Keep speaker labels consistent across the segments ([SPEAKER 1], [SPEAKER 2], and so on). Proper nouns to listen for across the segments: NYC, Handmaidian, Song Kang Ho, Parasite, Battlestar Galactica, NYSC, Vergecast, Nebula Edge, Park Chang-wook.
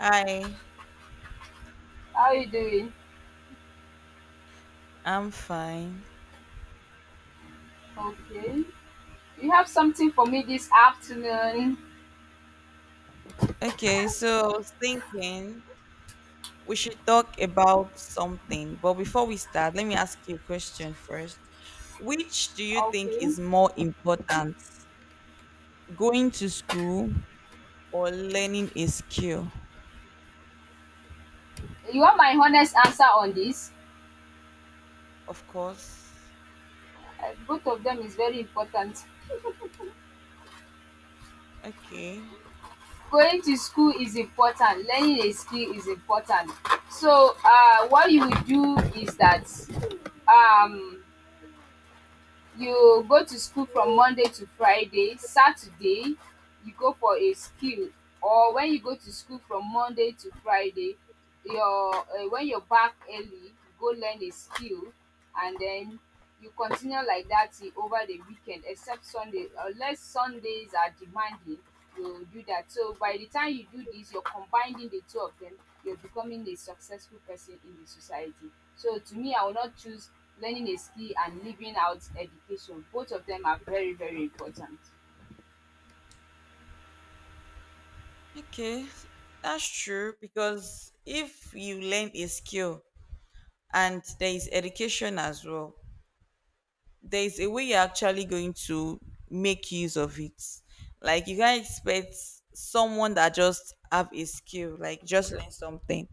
[SPEAKER 1] Hi,
[SPEAKER 2] How you doing?
[SPEAKER 1] I'm fine.
[SPEAKER 2] Okay. You have something for me this afternoon?
[SPEAKER 1] Okay, so I was thinking we should talk about something, but before we start, let me ask you a question first. Which do you think
[SPEAKER 2] Okay.
[SPEAKER 1] is more important, going to school or learning a skill?
[SPEAKER 2] You want my honest answer on this?
[SPEAKER 1] Of course.
[SPEAKER 2] Both of them is very important.
[SPEAKER 1] Okay.
[SPEAKER 2] Going to school is important. Learning a skill is important. So, what you will do is that um you go to school from Monday to Friday, Saturday you go for a skill, or when you go to school from Monday to Friday, your when you're back early, you go learn a skill, and then you continue like that till over the weekend except Sunday. Unless Sundays are demanding, you'll do that. So by the time you do this, you're combining the two of them, you're becoming a successful person in the society. So to me, I will not choose learning a skill and leaving out education. Both of them are very, very important.
[SPEAKER 1] Okay. That's true, because if you learn a skill and there is education as well, there's a way you're actually going to make use of it. Like, you can't expect someone that just have a skill, like just learn something.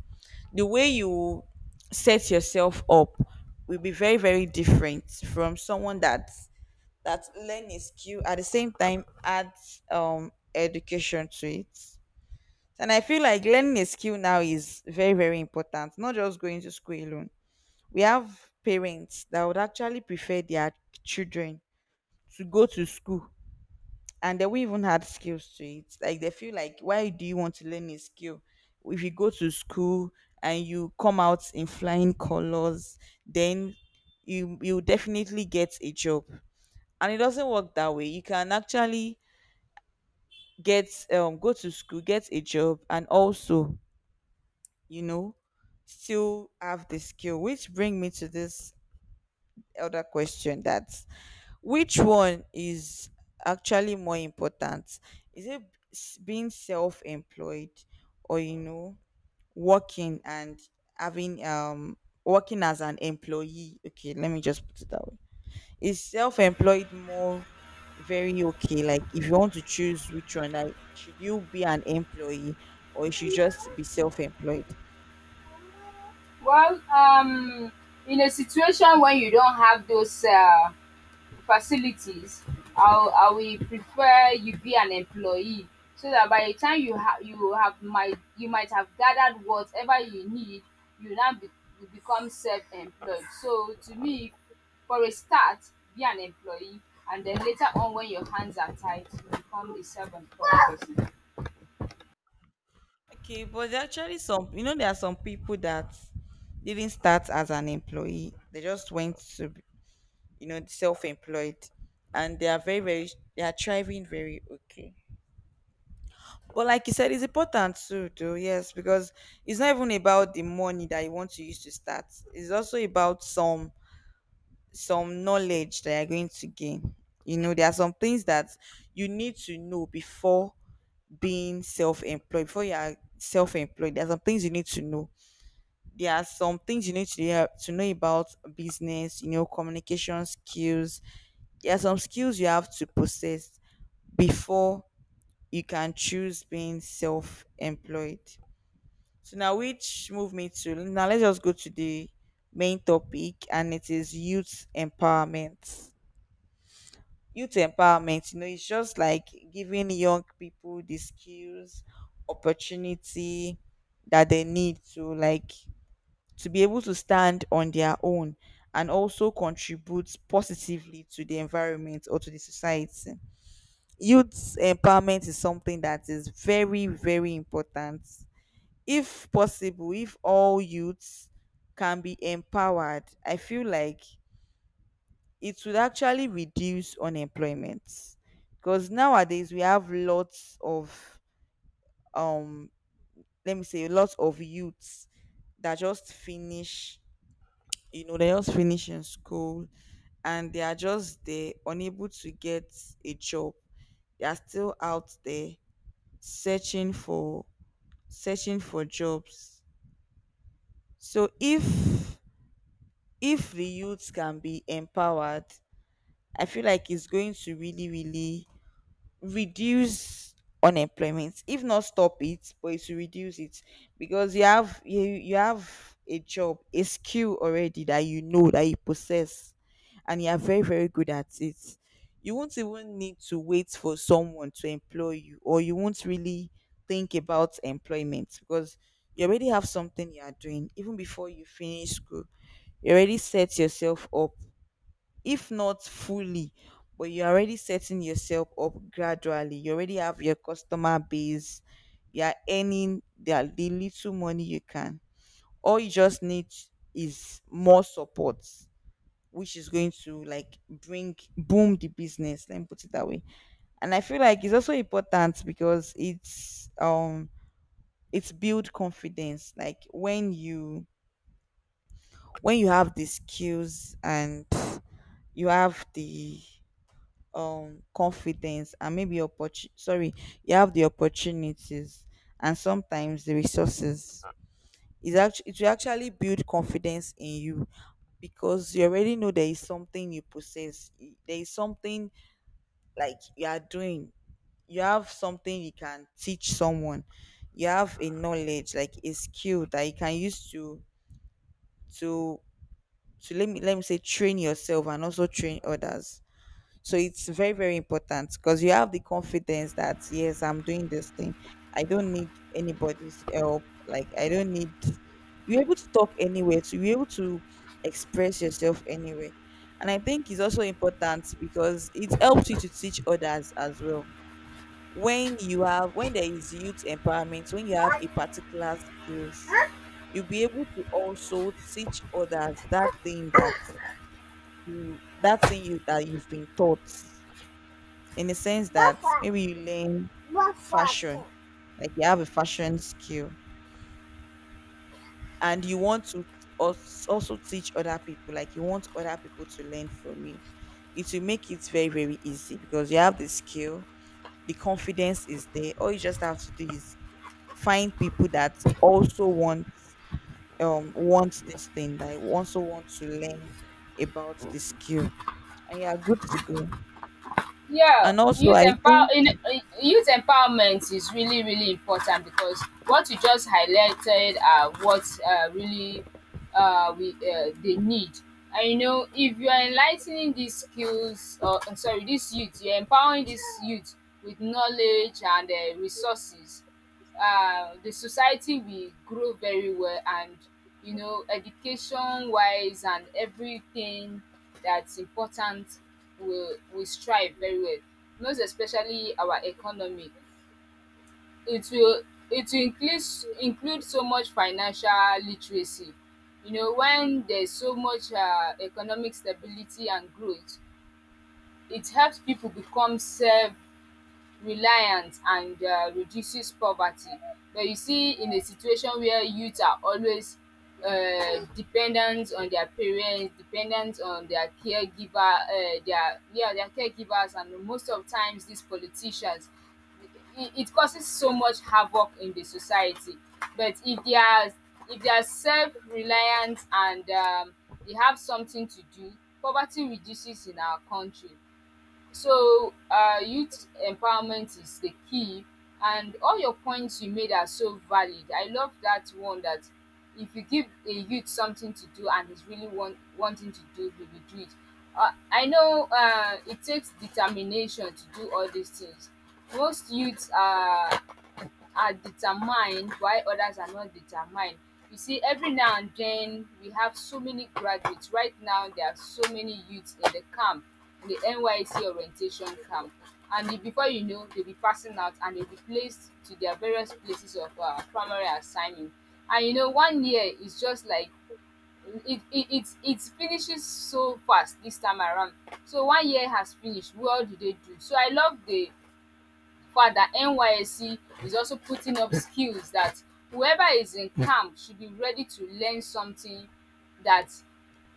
[SPEAKER 1] The way you set yourself up will be very, very different from someone that learn a skill at the same time add education to it. And I feel like learning a skill now is very, very important, not just going to school alone. We have parents that would actually prefer their children to go to school and they won't even add skills to it. Like, they feel like, why do you want to learn a skill? If you go to school and you come out in flying colors, then you definitely get a job. And it doesn't work that way. You can actually get go to school, get a job, and also, you know, still have the skill. Which bring me to this other question, that which one is actually more important? Is it being self-employed or, you know, working and having working as an employee? Okay, let me just put it that way. Is self-employed more very, okay, like if you want to choose which one, like should you be an employee or you should just be self-employed?
[SPEAKER 2] Well, in a situation when you don't have those facilities, I will prefer you be an employee, so that by the time you have might you might have gathered whatever you need, you now be, you become self-employed. So to me, for a start, be an employee, and then later on when your hands are tied, you become a self-employed
[SPEAKER 1] Okay, but there are actually some, you know, there are some people that didn't start as an employee. They just went to, you know, self-employed, and they are very very, they are thriving very okay. But like you said, it's important too though, yes, because it's not even about the money that you want to use to start. It's also about some knowledge that you're going to gain. You know, there are some things that you need to know before being self-employed. Before you are self-employed, there are some things you need to know. There are some things you need to, to know about business, you know, communication skills. There are some skills you have to possess before you can choose being self-employed. So now, which move me to now? Let's just go to the main topic, and it is youth empowerment. Youth empowerment, you know, it's just like giving young people the skills, opportunity that they need to, like, to be able to stand on their own and also contribute positively to the environment or to the society. Youth empowerment is something that is very, very important. If possible, if all youths can be empowered, I feel like it would actually reduce unemployment, because nowadays we have lots of, um let me say, lots of youths that just finish, you know, they just finish in school, and they are just there, unable to get a job. They are still out there searching for, searching for jobs. So if the youth can be empowered, I feel like it's going to really, really reduce unemployment, if not stop it, but it will reduce it. Because you have, you have a job, a skill already, that you know that you possess, and you are very, very good at it. You won't even need to wait for someone to employ you, or you won't really think about employment, because you already have something you are doing. Even before you finish school, you already set yourself up, if not fully, but you're already setting yourself up gradually. You already have your customer base, you're earning the little money you can. All you just need is more support, which is going to, like, bring boom the business, let me put it that way. And I feel like it's also important because it's build confidence. Like when you, when you have the skills and you have the confidence, and maybe sorry, you have the opportunities and sometimes the resources, is actually, it will actually build confidence in you, because you already know there is something you possess. There is something, like, you are doing. You have something you can teach someone. You have a knowledge, like a skill, that you can use to to, let me say, train yourself and also train others. So it's very, very important, because you have the confidence that, yes, I'm doing this thing. I don't need anybody's help. Like, I don't need, you're able to talk anywhere, to be able to express yourself anywhere. And I think it's also important because it helps you to teach others as well. When you have, when there is youth empowerment, when you have a particular skills, you'll be able to also teach others that thing that you, that thing you, that you've been taught, in the sense that maybe you learn fashion,
[SPEAKER 2] person.
[SPEAKER 1] like you have a fashion skill, and you want to also teach other people, like you want other people to learn from you. It will make it very, very easy, because you have the skill, the confidence is there. All you just have to do is find people that also want this thing, that also want to learn about the skill, and you are good to go.
[SPEAKER 2] Yeah,
[SPEAKER 1] And also, I think
[SPEAKER 2] youth empowerment is really really important, because what you just highlighted are what really we they need. And you know, if you are enlightening these skills, or sorry, this youth, you're empowering this youth with knowledge and resources, the society will grow very well, and you know, education wise and everything that's important will strive very well, most especially our economy. It will it will include include so much financial literacy. You know, when there's so much economic stability and growth, it helps people become self reliance and reduces poverty. But you see, in a situation where youth are always dependent on their parents, dependent on their caregivers, and most of times these politicians, it causes so much havoc in the society. But if they are, if they are self reliant, and they have something to do, poverty reduces in our country. So youth empowerment is the key, and all your points you made are so valid. I love that one, that if you give a youth something to do and he's really wanting to do, he will do it. I know it takes determination to do all these things. Most youths are determined, while others are not determined. You see, every now and then we have so many graduates. Right now, there are so many youths in the camp, in the NYC orientation camp. And before you know, they'll be passing out and they'll be placed to their various places of primary assignment. And you know, one year is just like it finishes so fast this time around. So one year has finished. What do they do? So I love the Further, NYSC is also putting up skills, that whoever is in camp should be ready to learn something, that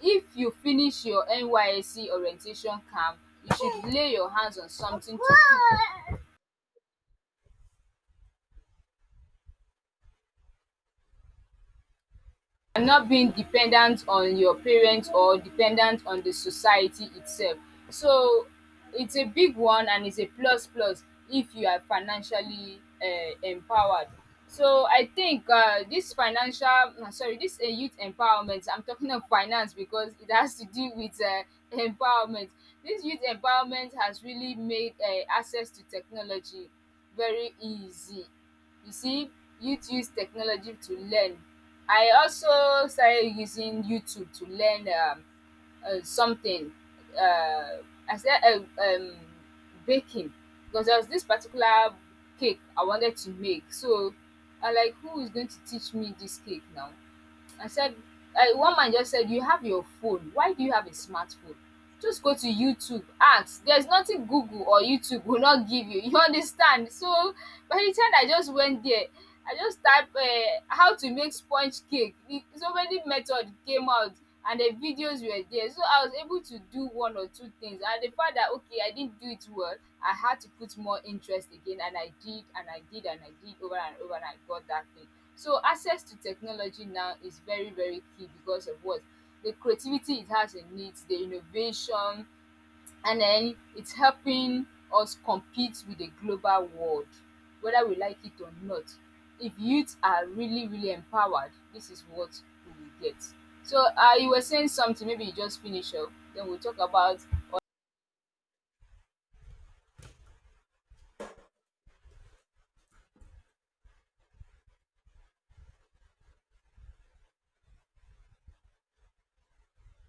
[SPEAKER 2] if you finish your NYSC orientation camp, you should lay your hands on something to do, and not being dependent on your parents or dependent on the society itself. So it's a big one, and it's a plus plus if you are financially empowered. So I think this financial, sorry, this youth empowerment. I'm talking of finance because it has to do with empowerment. This youth empowerment has really made access to technology very easy. You see, youth use technology to learn. I also started using YouTube to learn something. uh, i said, uh, um, Baking, because there was this particular cake I wanted to make. So I like, who is going to teach me this cake now? I said, one man just said, "You have your phone. Why do you have a smartphone? Just go to YouTube, ask. There's nothing Google or YouTube will not give you." You understand? So by the time I just went there, I just typed how to make sponge cake. So many methods came out, and the videos were there. So I was able to do one or two things. And the fact that, okay, I didn't do it well, I had to put more interest again. And I did, and I did, and I did over and over, and I got that thing. So access to technology now is very, very key, because of what? The creativity it has in it, the innovation, and then it's helping us compete with the global world, whether we like it or not. If youth are really, really empowered, this is what we will get. So you were saying something, maybe you just finish up, then we'll talk about